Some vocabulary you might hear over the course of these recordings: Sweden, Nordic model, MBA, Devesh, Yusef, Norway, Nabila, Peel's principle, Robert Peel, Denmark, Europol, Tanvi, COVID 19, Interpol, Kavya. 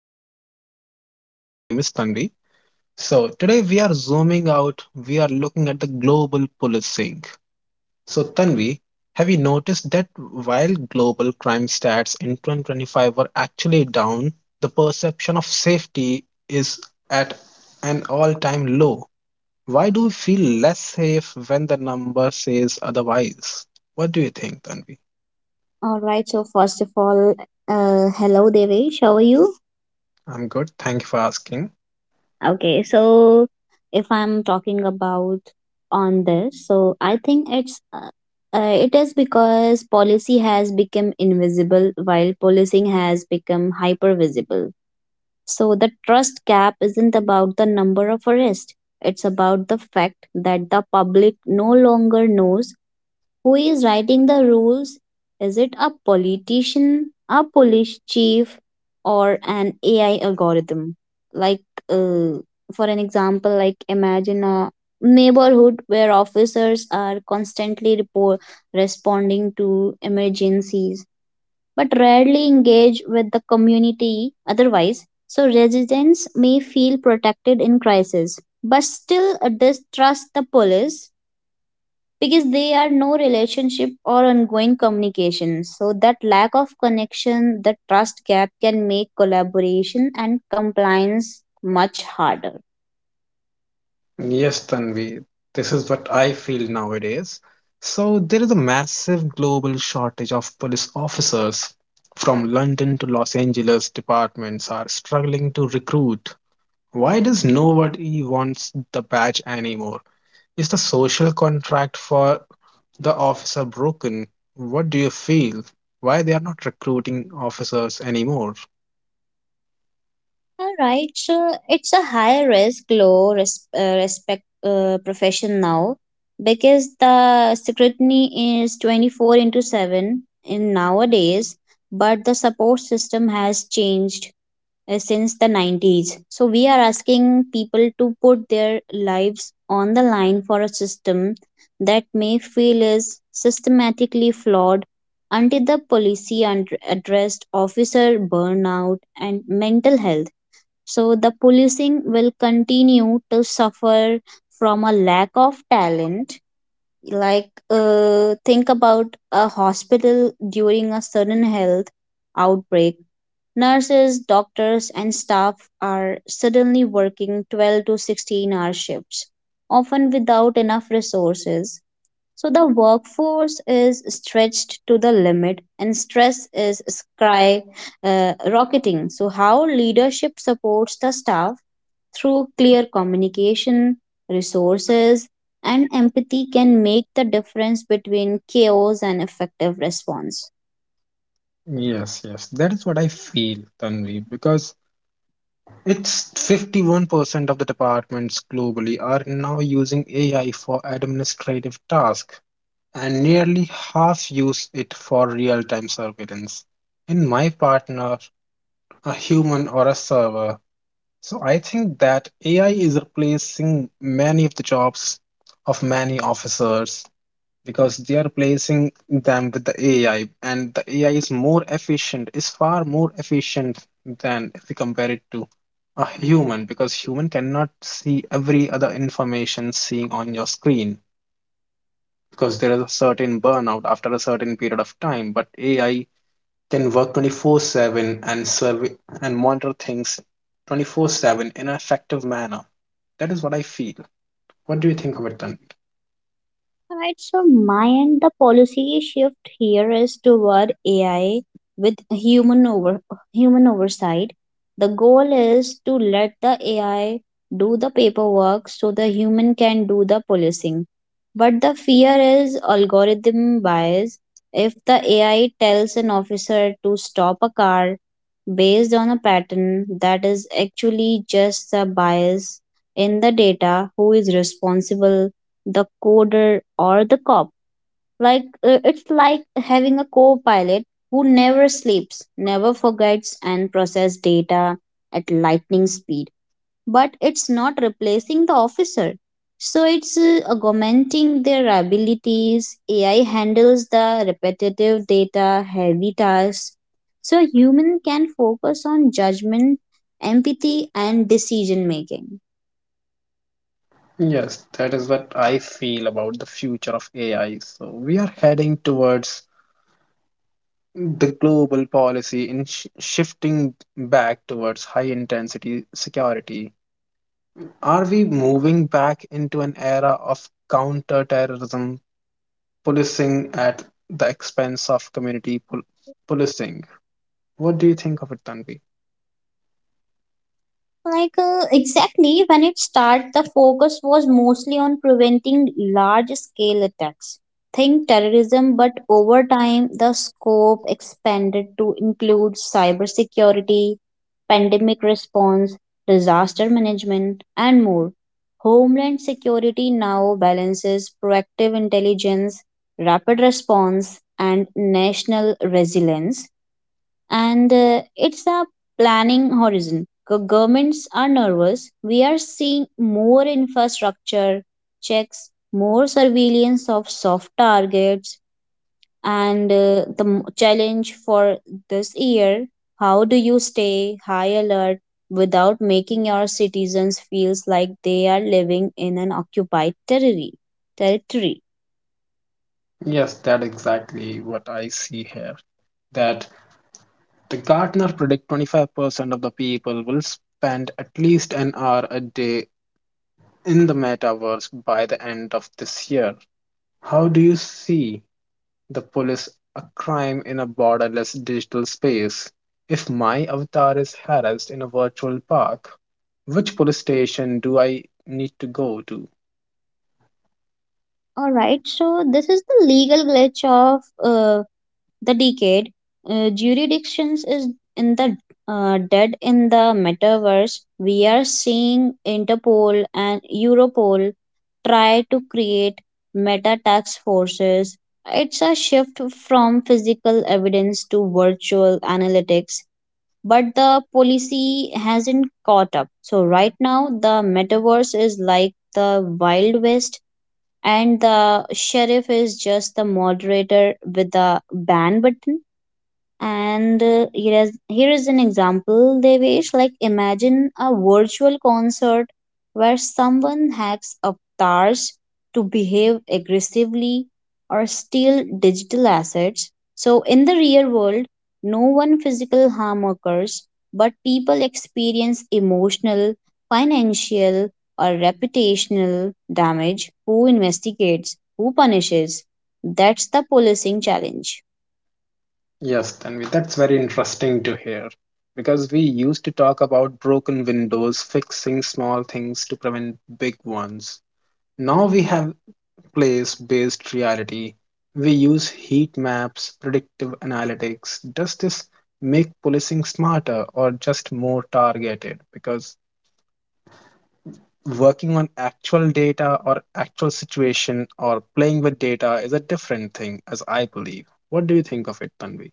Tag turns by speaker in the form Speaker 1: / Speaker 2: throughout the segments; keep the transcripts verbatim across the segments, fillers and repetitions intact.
Speaker 1: as well, and her name is Tanvi. So, today we are zooming out, we are looking at the global policing. So, Tanvi, have you noticed that while global crime stats in twenty twenty-five were actually down, the perception of safety is at an all time low? Why do we feel less safe when the number says otherwise? What do you think, Tanvi?
Speaker 2: All right. So first of all, uh, hello Devesh, how are you?
Speaker 1: I'm good. Thank you for asking.
Speaker 2: Okay. So if I'm talking about on this, so I think it's uh, uh, it is because policy has become invisible while policing has become hyper visible. So the trust gap isn't about the number of arrests. It's about the fact that the public no longer knows who is writing the rules. Is it a politician, a police chief, or an A I algorithm? Like, uh, for an example, like imagine a neighborhood where officers are constantly report responding to emergencies but rarely engage with the community otherwise, so residents may feel protected in crisis but still distrust the police because they are no relationship or ongoing communication. So that lack of connection, the trust gap, can make collaboration and compliance much harder.
Speaker 1: Yes, Tanvi, this is what I feel nowadays. So, there is a massive global shortage of police officers. From London to Los Angeles, departments are struggling to recruit. Why does nobody wants the badge anymore? Is the social contract for the officer broken? What do you feel? Why they are not recruiting officers anymore?
Speaker 2: All right, so it's a high risk, low res- uh, respect uh, profession now because the scrutiny is twenty-four into seven in nowadays, but the support system has changed uh, since the nineties. So we are asking people to put their lives on the line for a system that may feel is systematically flawed until the policy und- addressed officer burnout and mental health. So the policing will continue to suffer from a lack of talent. Like, uh, think about a hospital during a sudden health outbreak. Nurses, doctors, and staff are suddenly working twelve to sixteen hour shifts, often without enough resources. So the workforce is stretched to the limit and stress is sky uh, rocketing. So how leadership supports the staff through clear communication, resources, and empathy can make the difference between chaos and effective response.
Speaker 1: Yes, yes, that is what I feel, Tanvi, because it's fifty-one percent of the departments globally are now using A I for administrative tasks, and nearly half use it for real-time surveillance. In my partner, a human or a server. So I think that A I is replacing many of the jobs of many officers because they are replacing them with the A I, and the A I is more efficient, is far more efficient than if we compare it to a human, because human cannot see every other information seeing on your screen because there is a certain burnout after a certain period of time, but A I can work twenty-four seven and survey and monitor things twenty-four seven in an effective manner. That is what I feel. What do you think of it, Tanvi?
Speaker 2: Alright, so my end, the policy shift here is toward A I with human over human oversight. The goal is to let the A I do the paperwork so the human can do the policing. But the fear is algorithm bias. If the A I tells an officer to stop a car based on a pattern that is actually just a bias in the data, who is responsible, the coder or the cop? Like uh, it's like having a co-pilot who never sleeps, never forgets, and process data at lightning speed. But it's not replacing the officer. So it's uh, augmenting their abilities. A I handles the repetitive data, heavy tasks, so a human can focus on judgment, empathy, and decision making.
Speaker 1: Yes, that is what I feel about the future of A I. So we are heading towards the global policy in sh- shifting back towards high intensity security. Are we moving back into an era of counter terrorism policing at the expense of community pol- policing? What do you think of it, Tanvi?
Speaker 2: Like uh, exactly when it started, the focus was mostly on preventing large scale attacks. Think terrorism, but over time the scope expanded to include cybersecurity, pandemic response, disaster management, and more. Homeland security now balances proactive intelligence, rapid response, and national resilience, and uh, it's a planning horizon. Go- Governments are nervous. We are seeing more infrastructure checks, more surveillance of soft targets, and uh, the m- challenge for this year, how do you stay high alert without making your citizens feels like they are living in an occupied territory territory
Speaker 1: Yes, that exactly what I see here. That the gardener predict twenty-five percent of the people will spend at least an hour a day in the metaverse by the end of this year. How do you see the police a crime in a borderless digital space? If my avatar is harassed in a virtual park, which police station do I need to go to?
Speaker 2: All right, so this is the legal glitch of uh, the decade. Uh, jurisdictions is in the uh, dead in the metaverse. We are seeing Interpol and Europol try to create meta tax forces. It's a shift from physical evidence to virtual analytics, but the policy hasn't caught up. So right now, the metaverse is like the Wild West and the sheriff is just the moderator with the ban button. And uh, here is here is an example, Devesh. Like imagine a virtual concert where someone hacks avatars to behave aggressively or steal digital assets. So in the real world, no one physical harm occurs, but people experience emotional, financial, or reputational damage. Who investigates? Who punishes? That's the policing challenge.
Speaker 1: Yes, Tanvi, that's very interesting to hear because we used to talk about broken windows, fixing small things to prevent big ones. Now we have place-based reality. We use heat maps, predictive analytics. Does this make policing smarter or just more targeted? Because working on actual data or actual situation or playing with data is a different thing, as I believe. What do you think of it, Tanvi?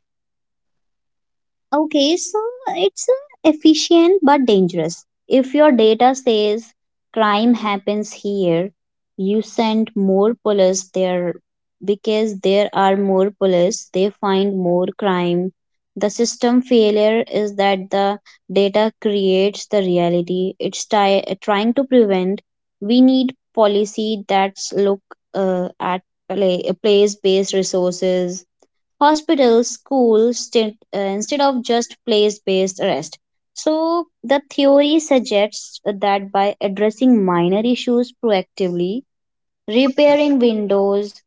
Speaker 2: Okay, so it's uh, efficient but dangerous. If your data says crime happens here, you send more police there. Because there are more police, they find more crime. The system failure is that the data creates the reality it's ti- trying to prevent. We need policy that's look uh, at play, place-based resources, hospitals, schools, st- uh, instead of just place based arrest. So the theory suggests that by addressing minor issues proactively, repairing windows,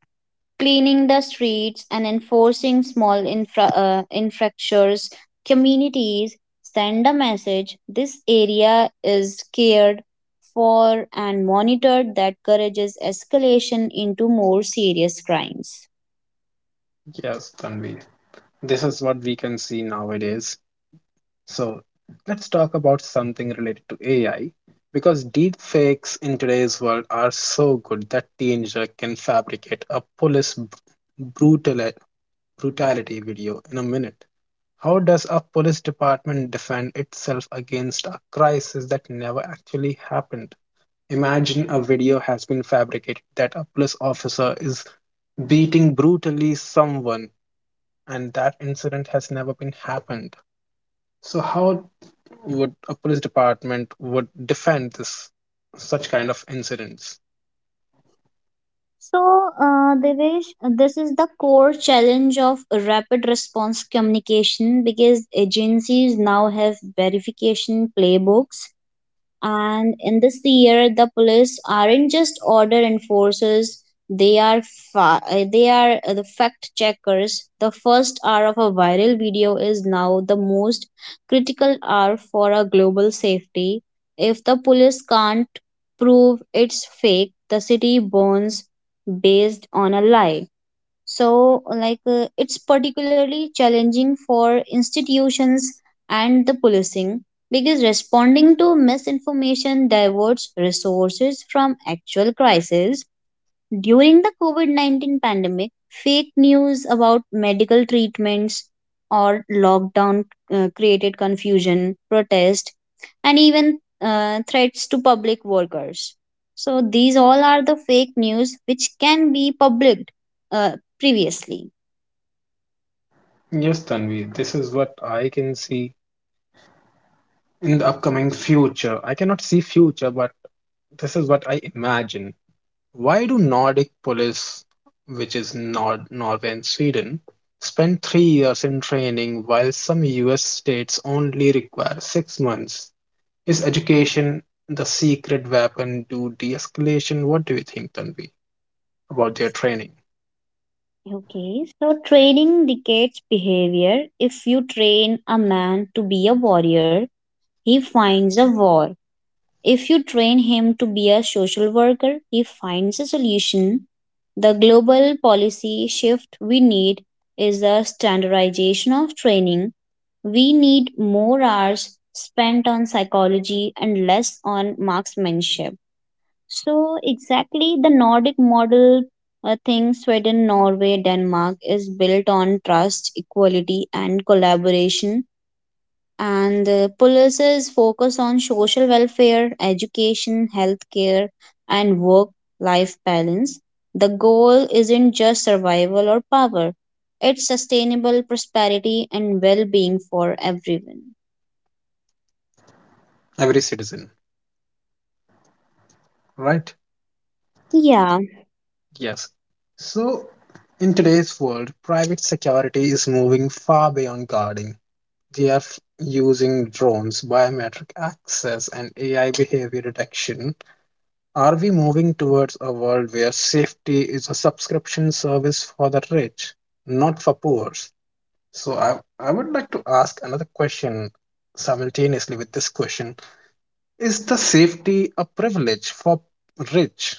Speaker 2: cleaning the streets, and enforcing small infra- uh, infractions, communities send a message this area is cared for and monitored, that encourages escalation into more serious crimes.
Speaker 1: Yes, Tanvi. This is what we can see nowadays. So, let's talk about something related to A I because deepfakes in today's world are so good that teenager can fabricate a police br- brutal brutality video in a minute. How does a police department defend itself against a crisis that never actually happened? Imagine a video has been fabricated that a police officer is beating brutally someone and that incident has never been happened. So how would a police department would defend this such kind of incidents?
Speaker 2: So, uh, Devesh, this is the core challenge of rapid response communication because agencies now have verification playbooks, and in this year the police aren't just order enforcers, they are fa- uh, they are uh, the fact checkers. The first hour of a viral video is now the most critical hour for a global safety. If the police can't prove it's fake, the city burns based on a lie. So, like, uh, it's particularly challenging for institutions and the policing because responding to misinformation diverts resources from actual crises. During the COVID nineteen pandemic, fake news about medical treatments or lockdown uh, created confusion, protest, and even uh, threats to public workers. So these all are the fake news which can be published uh, previously.
Speaker 1: Yes, Tanvi, this is what I can see in the upcoming future. I cannot see future, but this is what I imagine. Why do Nordic police, which is Nord Norway and Sweden, spend three years in training while some U S states only require six months? Is education the secret weapon to de escalation? What do you think, Tanvi, about their training?
Speaker 2: Okay, so training dictates behavior. If you train a man to be a warrior, he finds a war. If you train him to be a social worker, he finds a solution. The global policy shift we need is the standardization of training. We need more hours spent on psychology and less on marksmanship. So exactly the Nordic model, I think Sweden, Norway, Denmark is built on trust, equality, and collaboration, and uh, policies focus on social welfare, education, healthcare, and work life balance. The goal isn't just survival or power, it's sustainable prosperity and well being for everyone.
Speaker 1: Every citizen, right?
Speaker 2: Yeah,
Speaker 1: Yes. So, in today's world, private security is moving far beyond guarding. They are f- using drones, biometric access, and A I behavior detection. Are we moving towards a world where safety is a subscription service for the rich, not for poor? So, I, I would like to ask another question simultaneously with this question. Is the safety a privilege for rich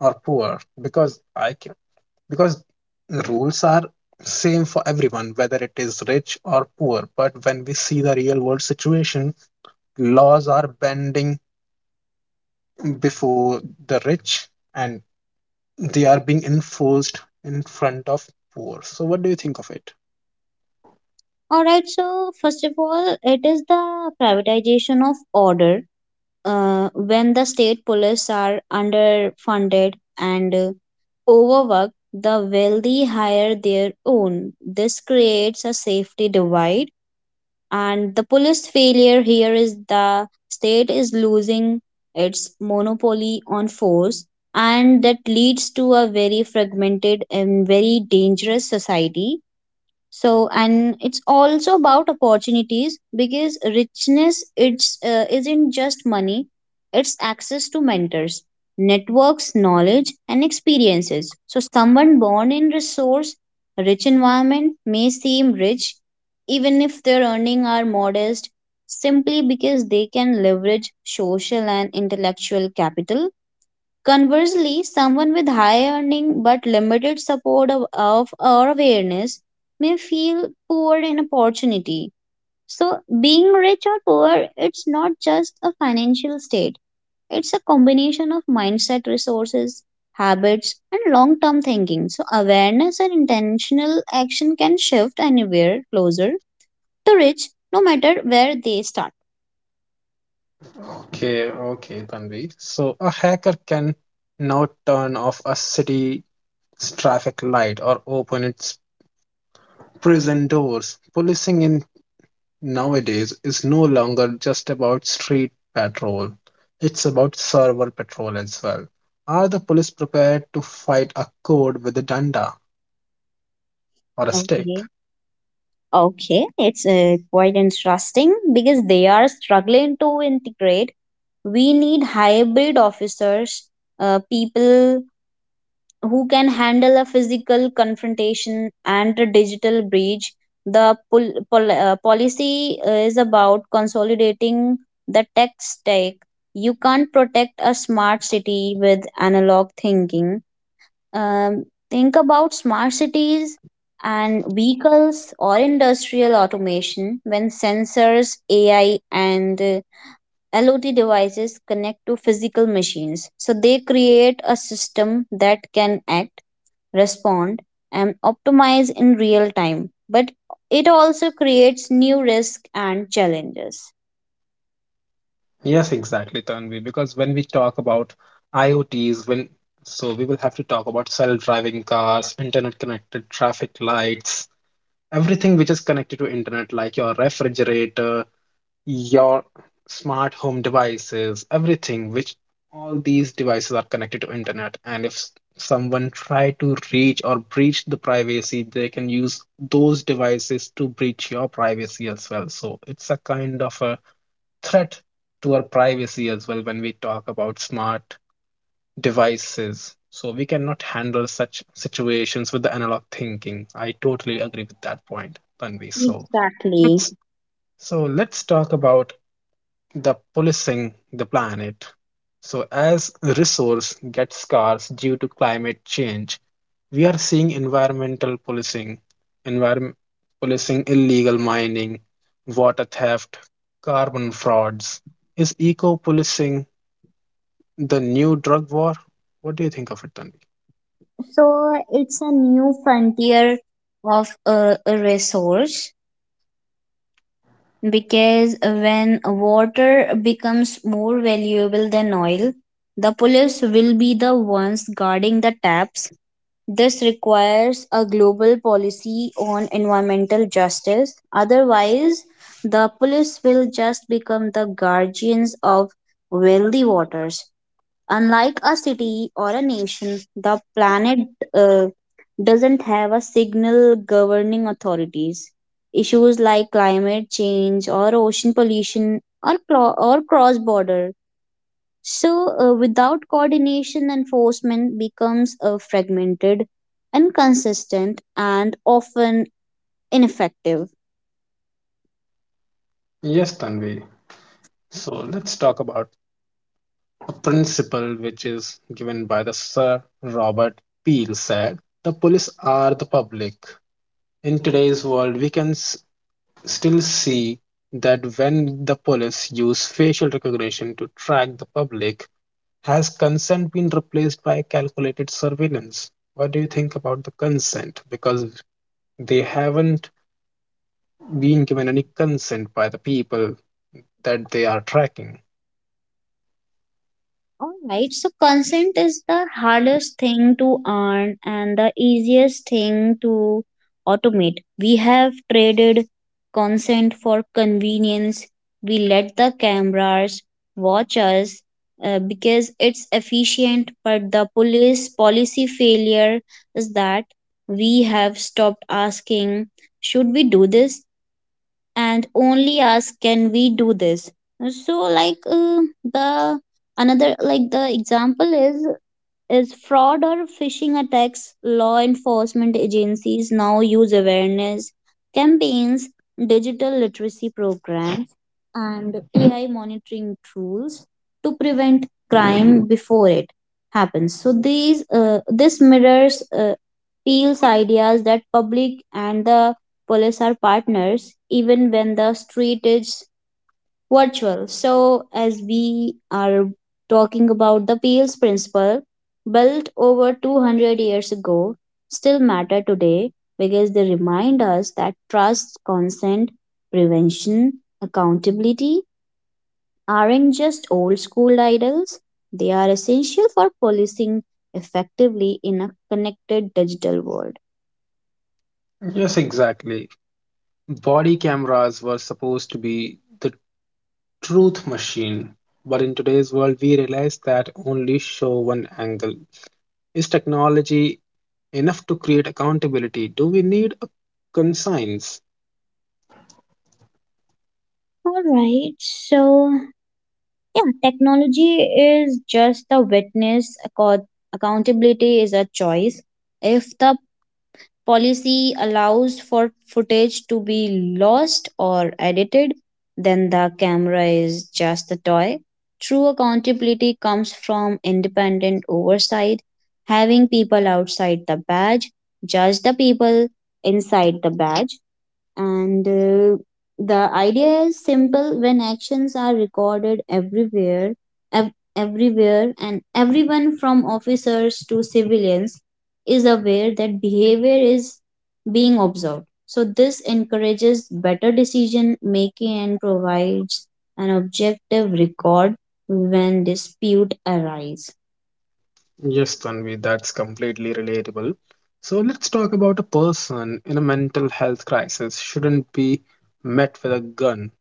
Speaker 1: or poor? Because I can, because rules are same for everyone, whether it is rich or poor. But when we see the real world situation, laws are bending before the rich and they are being enforced in front of poor. So what do you think of it?
Speaker 2: alright, so first of all, it is the privatization of order. Uh, when the state police are underfunded and uh, overworked, the wealthy hire their own. This creates a safety divide, and the police failure here is the state is losing its monopoly on force, and that leads to a very fragmented and very dangerous society. So, and it's also about opportunities because richness it's uh, isn't just money, it's access to mentors, networks, knowledge and experiences. So someone born in resource rich environment may seem rich even if their earning are modest, simply because they can leverage social and intellectual capital. Conversely, someone with high earning but limited support of, of or awareness may feel poor in opportunity. So being rich or poor, it's not just a financial state, it's a combination of mindset, resources, habits, and long term thinking. So awareness and intentional action can shift anywhere closer to rich, no matter where they start.
Speaker 1: Okay, okay, Tanvi. So a hacker can now turn off a city's traffic light or open its prison doors. Policing in nowadays is no longer just about street patrol. It's about server patrol as well. Are the police prepared to fight a code with a danda or a stick?
Speaker 2: Okay. Okay, it's uh, quite interesting because they are struggling to integrate. We need hybrid officers, uh, people who can handle a physical confrontation and a digital breach. The pol- pol- uh, policy is about consolidating the tech stack. You can't protect a smart city with analog thinking. Um, think about smart cities and vehicles or industrial automation when sensors, A I, and uh, L O T devices connect to physical machines. So they create a system that can act, respond, and optimize in real time. But it also creates new risks and challenges.
Speaker 1: Yes, exactly, Tanvi. Because when we talk about IoTs, when so we will have to talk about self-driving cars, internet-connected traffic lights, everything which is connected to internet, like your refrigerator, your smart home devices, everything which all these devices are connected to internet, and if someone try to reach or breach the privacy they can use those devices to breach your privacy as well, so it's a kind of a threat to our privacy as well when we talk about smart devices. So we cannot handle such situations with the analog thinking. I totally agree with that point, Tanvi. so
Speaker 2: Exactly.
Speaker 1: let's so let's talk about the policing the planet. So, as resource gets scarce due to climate change, we are seeing environmental policing, environment policing, illegal mining, water theft, carbon frauds. Is eco policing the new drug war? What do you think of it, Tanvi?
Speaker 2: So it's a new frontier of uh, resource, because when water becomes more valuable than oil, the police will be the ones guarding the taps. This requires a global policy on environmental justice. Otherwise, the police will just become the guardians of wealthy waters. Unlike a city or a nation, the planet uh, doesn't have a signal governing authorities. Issues like climate change or ocean pollution or, cro- or cross border. So, uh, without coordination, enforcement becomes uh, fragmented, inconsistent, and often ineffective.
Speaker 1: Yes, Tanvi. So let's talk about a principle which is given by the Sir Robert Peel said, the police are the public. In today's world, we can s- still see that when the police use facial recognition to track the public, has consent been replaced by calculated surveillance? What do you think about the consent? Because they haven't been given any consent by the people that they are tracking.
Speaker 2: All right, so consent is the hardest thing to earn and the easiest thing to automate. We have traded consent for convenience. We let the cameras watch us uh, because it's efficient, but the police policy failure is that we have stopped asking, should we do this? And only ask, can we do this? So like uh, the another like the example is is fraud or phishing attacks. Law enforcement agencies now use awareness campaigns, digital literacy programs, and A I monitoring tools to prevent crime before it happens. So these uh, this mirrors uh, Peel's ideas that public and the police are partners, even when the street is virtual. So, as we are talking about the Peels principle, built over two hundred years ago, still matter today because they remind us that trust, consent, prevention, accountability aren't just old school ideals. They are essential for policing effectively in a connected digital world.
Speaker 1: Yes, exactly. Body cameras were supposed to be the truth machine, but in today's world, we realize that only show one angle. Is technology enough to create accountability? Do we need a conscience?
Speaker 2: All right. So yeah, technology is just the witness. Acco- Accountability is a choice. If the policy allows for footage to be lost or edited, then the camera is just a toy. True accountability comes from independent oversight, having people outside the badge judge the people inside the badge. And uh, the idea is simple, when actions are recorded everywhere, ev- everywhere, and everyone from officers to civilians is aware that behavior is being observed. So, this encourages better decision making and provides an objective record when dispute arise.
Speaker 1: Yes, Tanvi, that's completely relatable. So let's talk about a person in a mental health crisis shouldn't be met with a gun.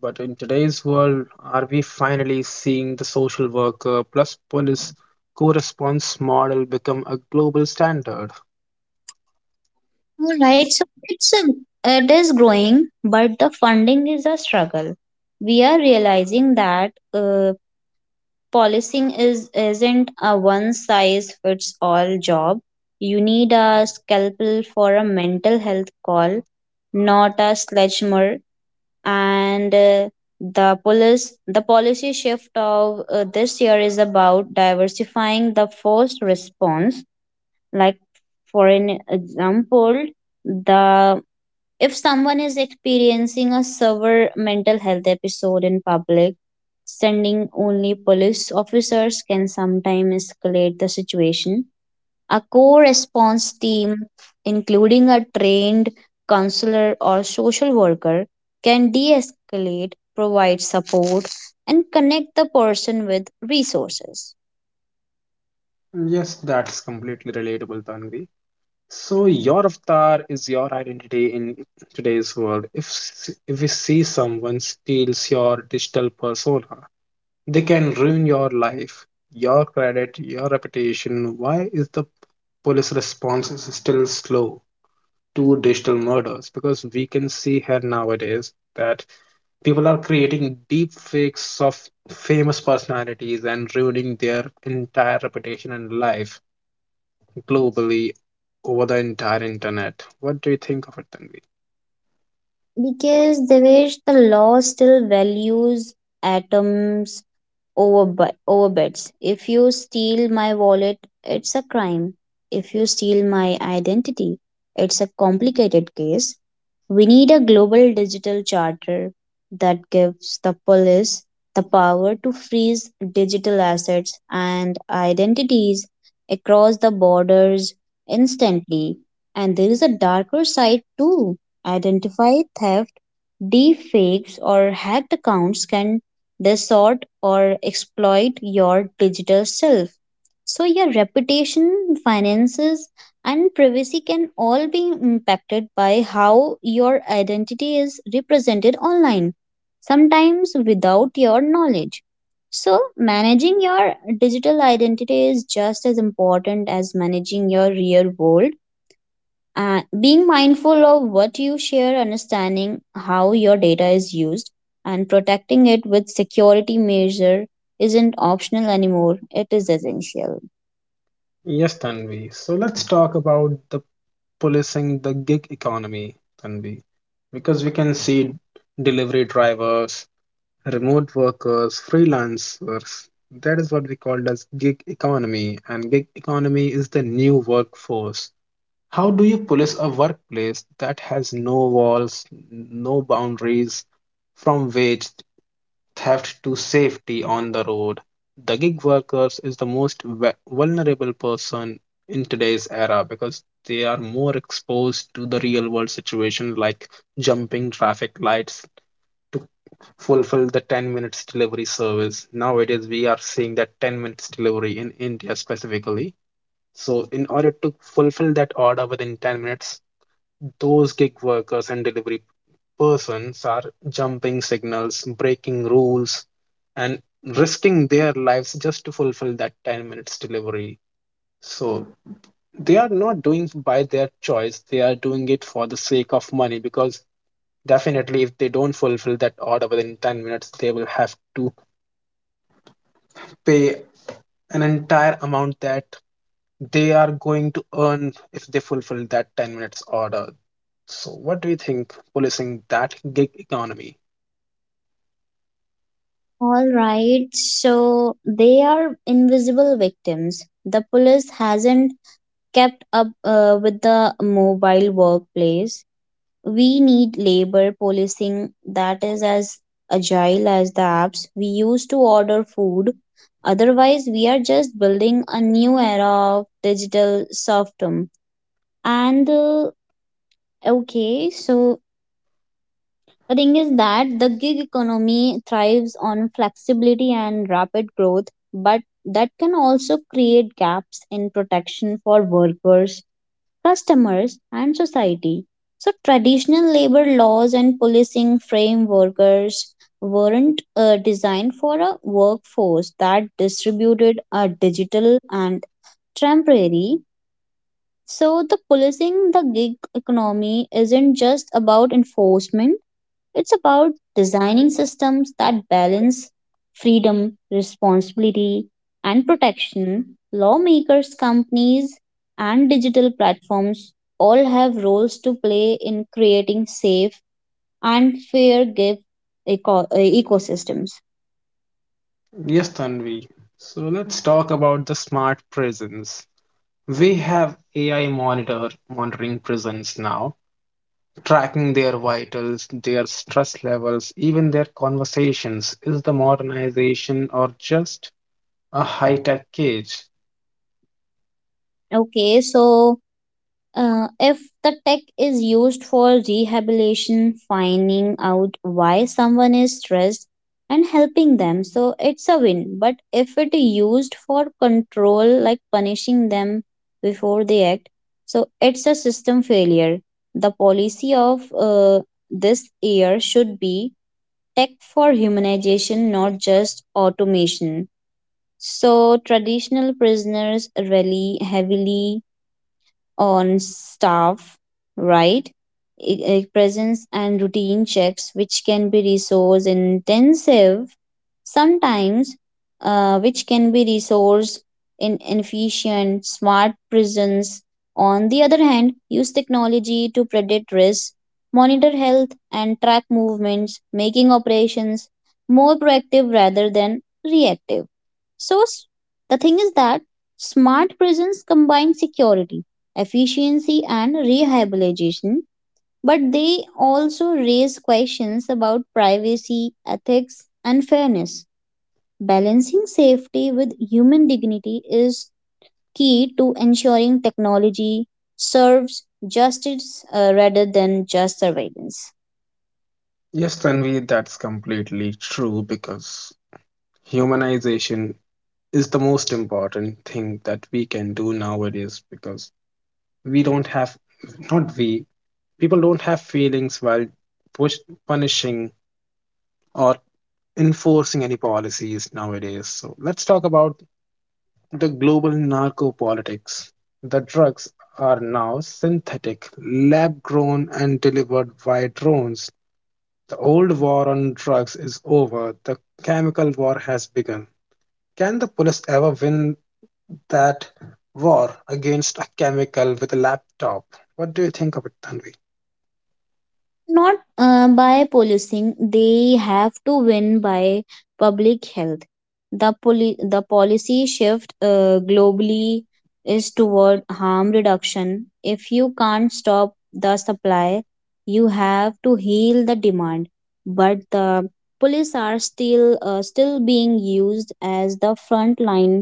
Speaker 1: But in today's world, are we finally seeing the social worker plus police co-response model become a global standard?
Speaker 2: All right,
Speaker 1: So
Speaker 2: so it's a, it is growing, but the funding is a struggle. We are realizing that uh, policing is isn't a one size fits all job. You need a scalpel for a mental health call, not a sledgehammer. And uh, the police, the policy shift of uh, this year is about diversifying the first response. Like for an example, the if someone is experiencing a severe mental health episode in public, sending only police officers can sometimes escalate the situation. A core response team, including a trained counselor or social worker, can de escalate, provide support, and connect the person with resources.
Speaker 1: yes, that's completely relatable, Tanvi. So your avatar is your identity in today's world. If s- if we see someone steals your digital persona, they can ruin your life, your credit, your reputation. Why is the police response is still slow to digital murders? Because we can see here nowadays that people are creating deep fakes of famous personalities and ruining their entire reputation and life globally over the entire internet. What do you think of it, Tanvi?
Speaker 2: Because Devesh, the law still values atoms over bu- over bets. If you steal my wallet, it's a crime. If you steal my identity, it's a complicated case. We need a global digital charter that gives the police the power to freeze digital assets and identities across the borders instantly. And there is a darker side too. Identify theft. Deepfakes or hacked accounts can distort or exploit your digital self. So, your reputation, finances, and privacy can all be impacted by how your identity is represented online, sometimes without your knowledge. So, managing your digital identity is just as important as managing your real world, and being mindful of what you share, understanding how your data is used, and protecting it with security measure isn't optional anymore. It is essential.
Speaker 1: Yes, Tanvi. So let's talk about the policing the gig economy, Tanvi, because we can see delivery drivers, remote workers, freelancers. That is what we call as gig economy, and gig economy is the new workforce. How do you police a workplace that has no walls, no boundaries, from which theft to safety on the road? The gig workers is the most vulnerable person in today's era because they are more exposed to the real world situation like jumping traffic lights to fulfill the ten minutes delivery service. Nowadays we are seeing that ten minutes delivery in India specifically. So in order to fulfill that order within ten minutes, those gig workers and delivery persons are jumping signals, breaking rules, and risking their lives just to fulfill that ten minutes delivery. So they are not doing by their choice, they are doing it for the sake of money because definitely if they don't fulfill that order within ten minutes, they will have to pay an entire amount that they are going to earn if they fulfill that ten minutes order. So, what do you think policing that gig economy?
Speaker 2: All right, so they are invisible victims. The police hasn't kept up uh, with the mobile workplace. We need labor policing that is as agile as the apps we use to order food. Otherwise, we are just building a new era of digital serfdom. And uh, okay, so the thing is that the gig economy thrives on flexibility and rapid growth, but that can also create gaps in protection for workers, customers, and society. So, traditional labor laws and policing frame workers weren't uh, designed for a workforce that distributed are digital and temporary. So, the policing the gig economy isn't just about enforcement. It's about designing systems that balance freedom, responsibility, and protection. Lawmakers, companies, and digital platforms all have roles to play in creating safe and fair gift eco- uh, ecosystems.
Speaker 1: Yes, Tanvi. So let's talk about the smart prisons. We have A I monitor monitoring prisons now, tracking their vitals, their stress levels, even their conversations. Is the modernization or just a high-tech cage?
Speaker 2: Okay, so Uh, if the tech is used for rehabilitation, finding out why someone is stressed and helping them, so it's a win. But if it used for control, like punishing them before they act, so it's a system failure. The policy of uh, this year should be tech for humanization, not just automation. So traditional prisoners rely heavily on staff, right? I- I- Presence and routine checks, which can be resource intensive sometimes, uh, which can be resource in efficient smart prisons. On the other hand, use technology to predict risks, monitor health, and track movements, making operations more proactive rather than reactive. So, s- the thing is that smart prisons combine security efficiency and rehabilitation, but they also raise questions about privacy, ethics, and fairness. Balancing safety with human dignity is key to ensuring technology serves justice uh, rather than just surveillance.
Speaker 1: Yes, Tanvi, that's completely true because humanization is the most important thing that we can do nowadays because we don't have not we people don't have feelings while push, punishing or enforcing any policies nowadays. So let's talk about the global narco politics. The drugs are now synthetic, lab grown and delivered via drones. The old war on drugs is over. The chemical war has begun. Can the police ever win that war against a chemical with a laptop? What do you think of it, Tanvi?
Speaker 2: Not uh, by policing. They have to win by public health. The poli- the policy shift uh, globally is toward harm reduction. If you can't stop the supply, you have to heal the demand. But the police are still uh, still being used as the front line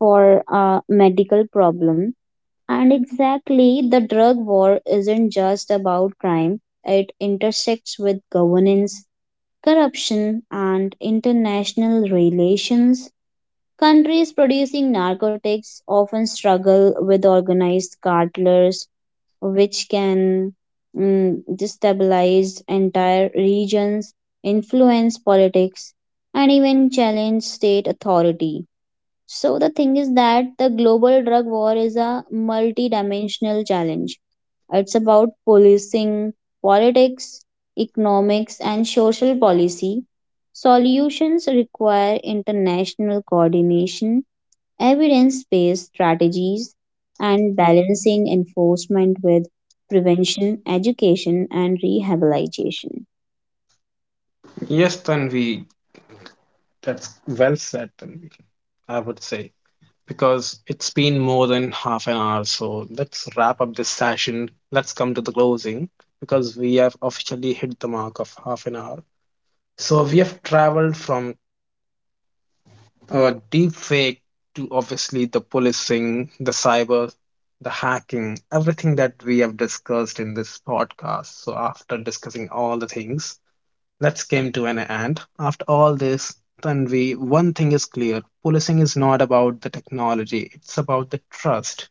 Speaker 2: for a medical problem. And exactly, the drug war isn't just about crime, it intersects with governance, corruption, and international relations. Countries producing narcotics often struggle with organized cartels, which can mm, destabilize entire regions, influence politics, and even challenge state authority. So the thing is that the global drug war is a multidimensional challenge. It's about policing politics, economics, and social policy. Solutions require international coordination, evidence based strategies, and balancing enforcement with prevention, education, and rehabilitation.
Speaker 1: Yes, Tanvi, that's well said, Tanvi, I would say, because it's been more than half an hour. So let's wrap up this session. Let's come to the closing because we have officially hit the mark of half an hour. So we have traveled from uh, deep fake to obviously the policing, the cyber, the hacking, everything that we have discussed in this podcast. So after discussing all the things, let's came to an end. After all this, Tanvi, one thing is clear. Policing is not about the technology, it's about the trust.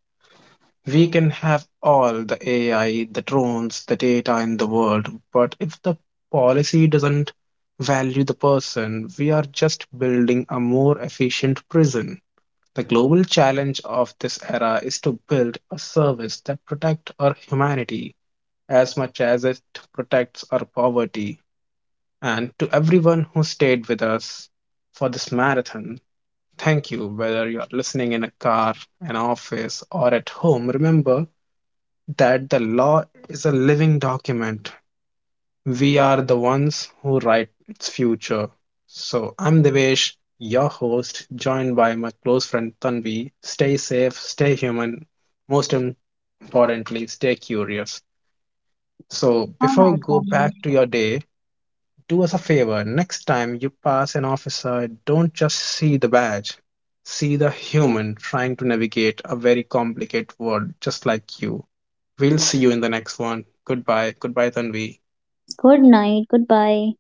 Speaker 1: We can have all the A I, the drones, the data in the world, but if the policy doesn't value the person, we are just building a more efficient prison. The global challenge of this era is to build a service that protects our humanity as much as it protects our poverty. And to everyone who stayed with us for this marathon, thank you. Whether you're listening in a car, an office, or at home, remember that the law is a living document. We are the ones who write its future. So I'm Devesh, your host, joined by my close friend Tanvi. Stay safe, stay human, most importantly, stay curious. So
Speaker 2: All
Speaker 1: before
Speaker 2: right,
Speaker 1: go back
Speaker 2: Kavya.
Speaker 1: to your day, do us a favor. Next time you pass an officer, don't just see the badge. See the human trying to navigate a very complicated world just like you. We'll see you in the next one. Goodbye. Goodbye, Tanvi.
Speaker 2: Good night. Goodbye.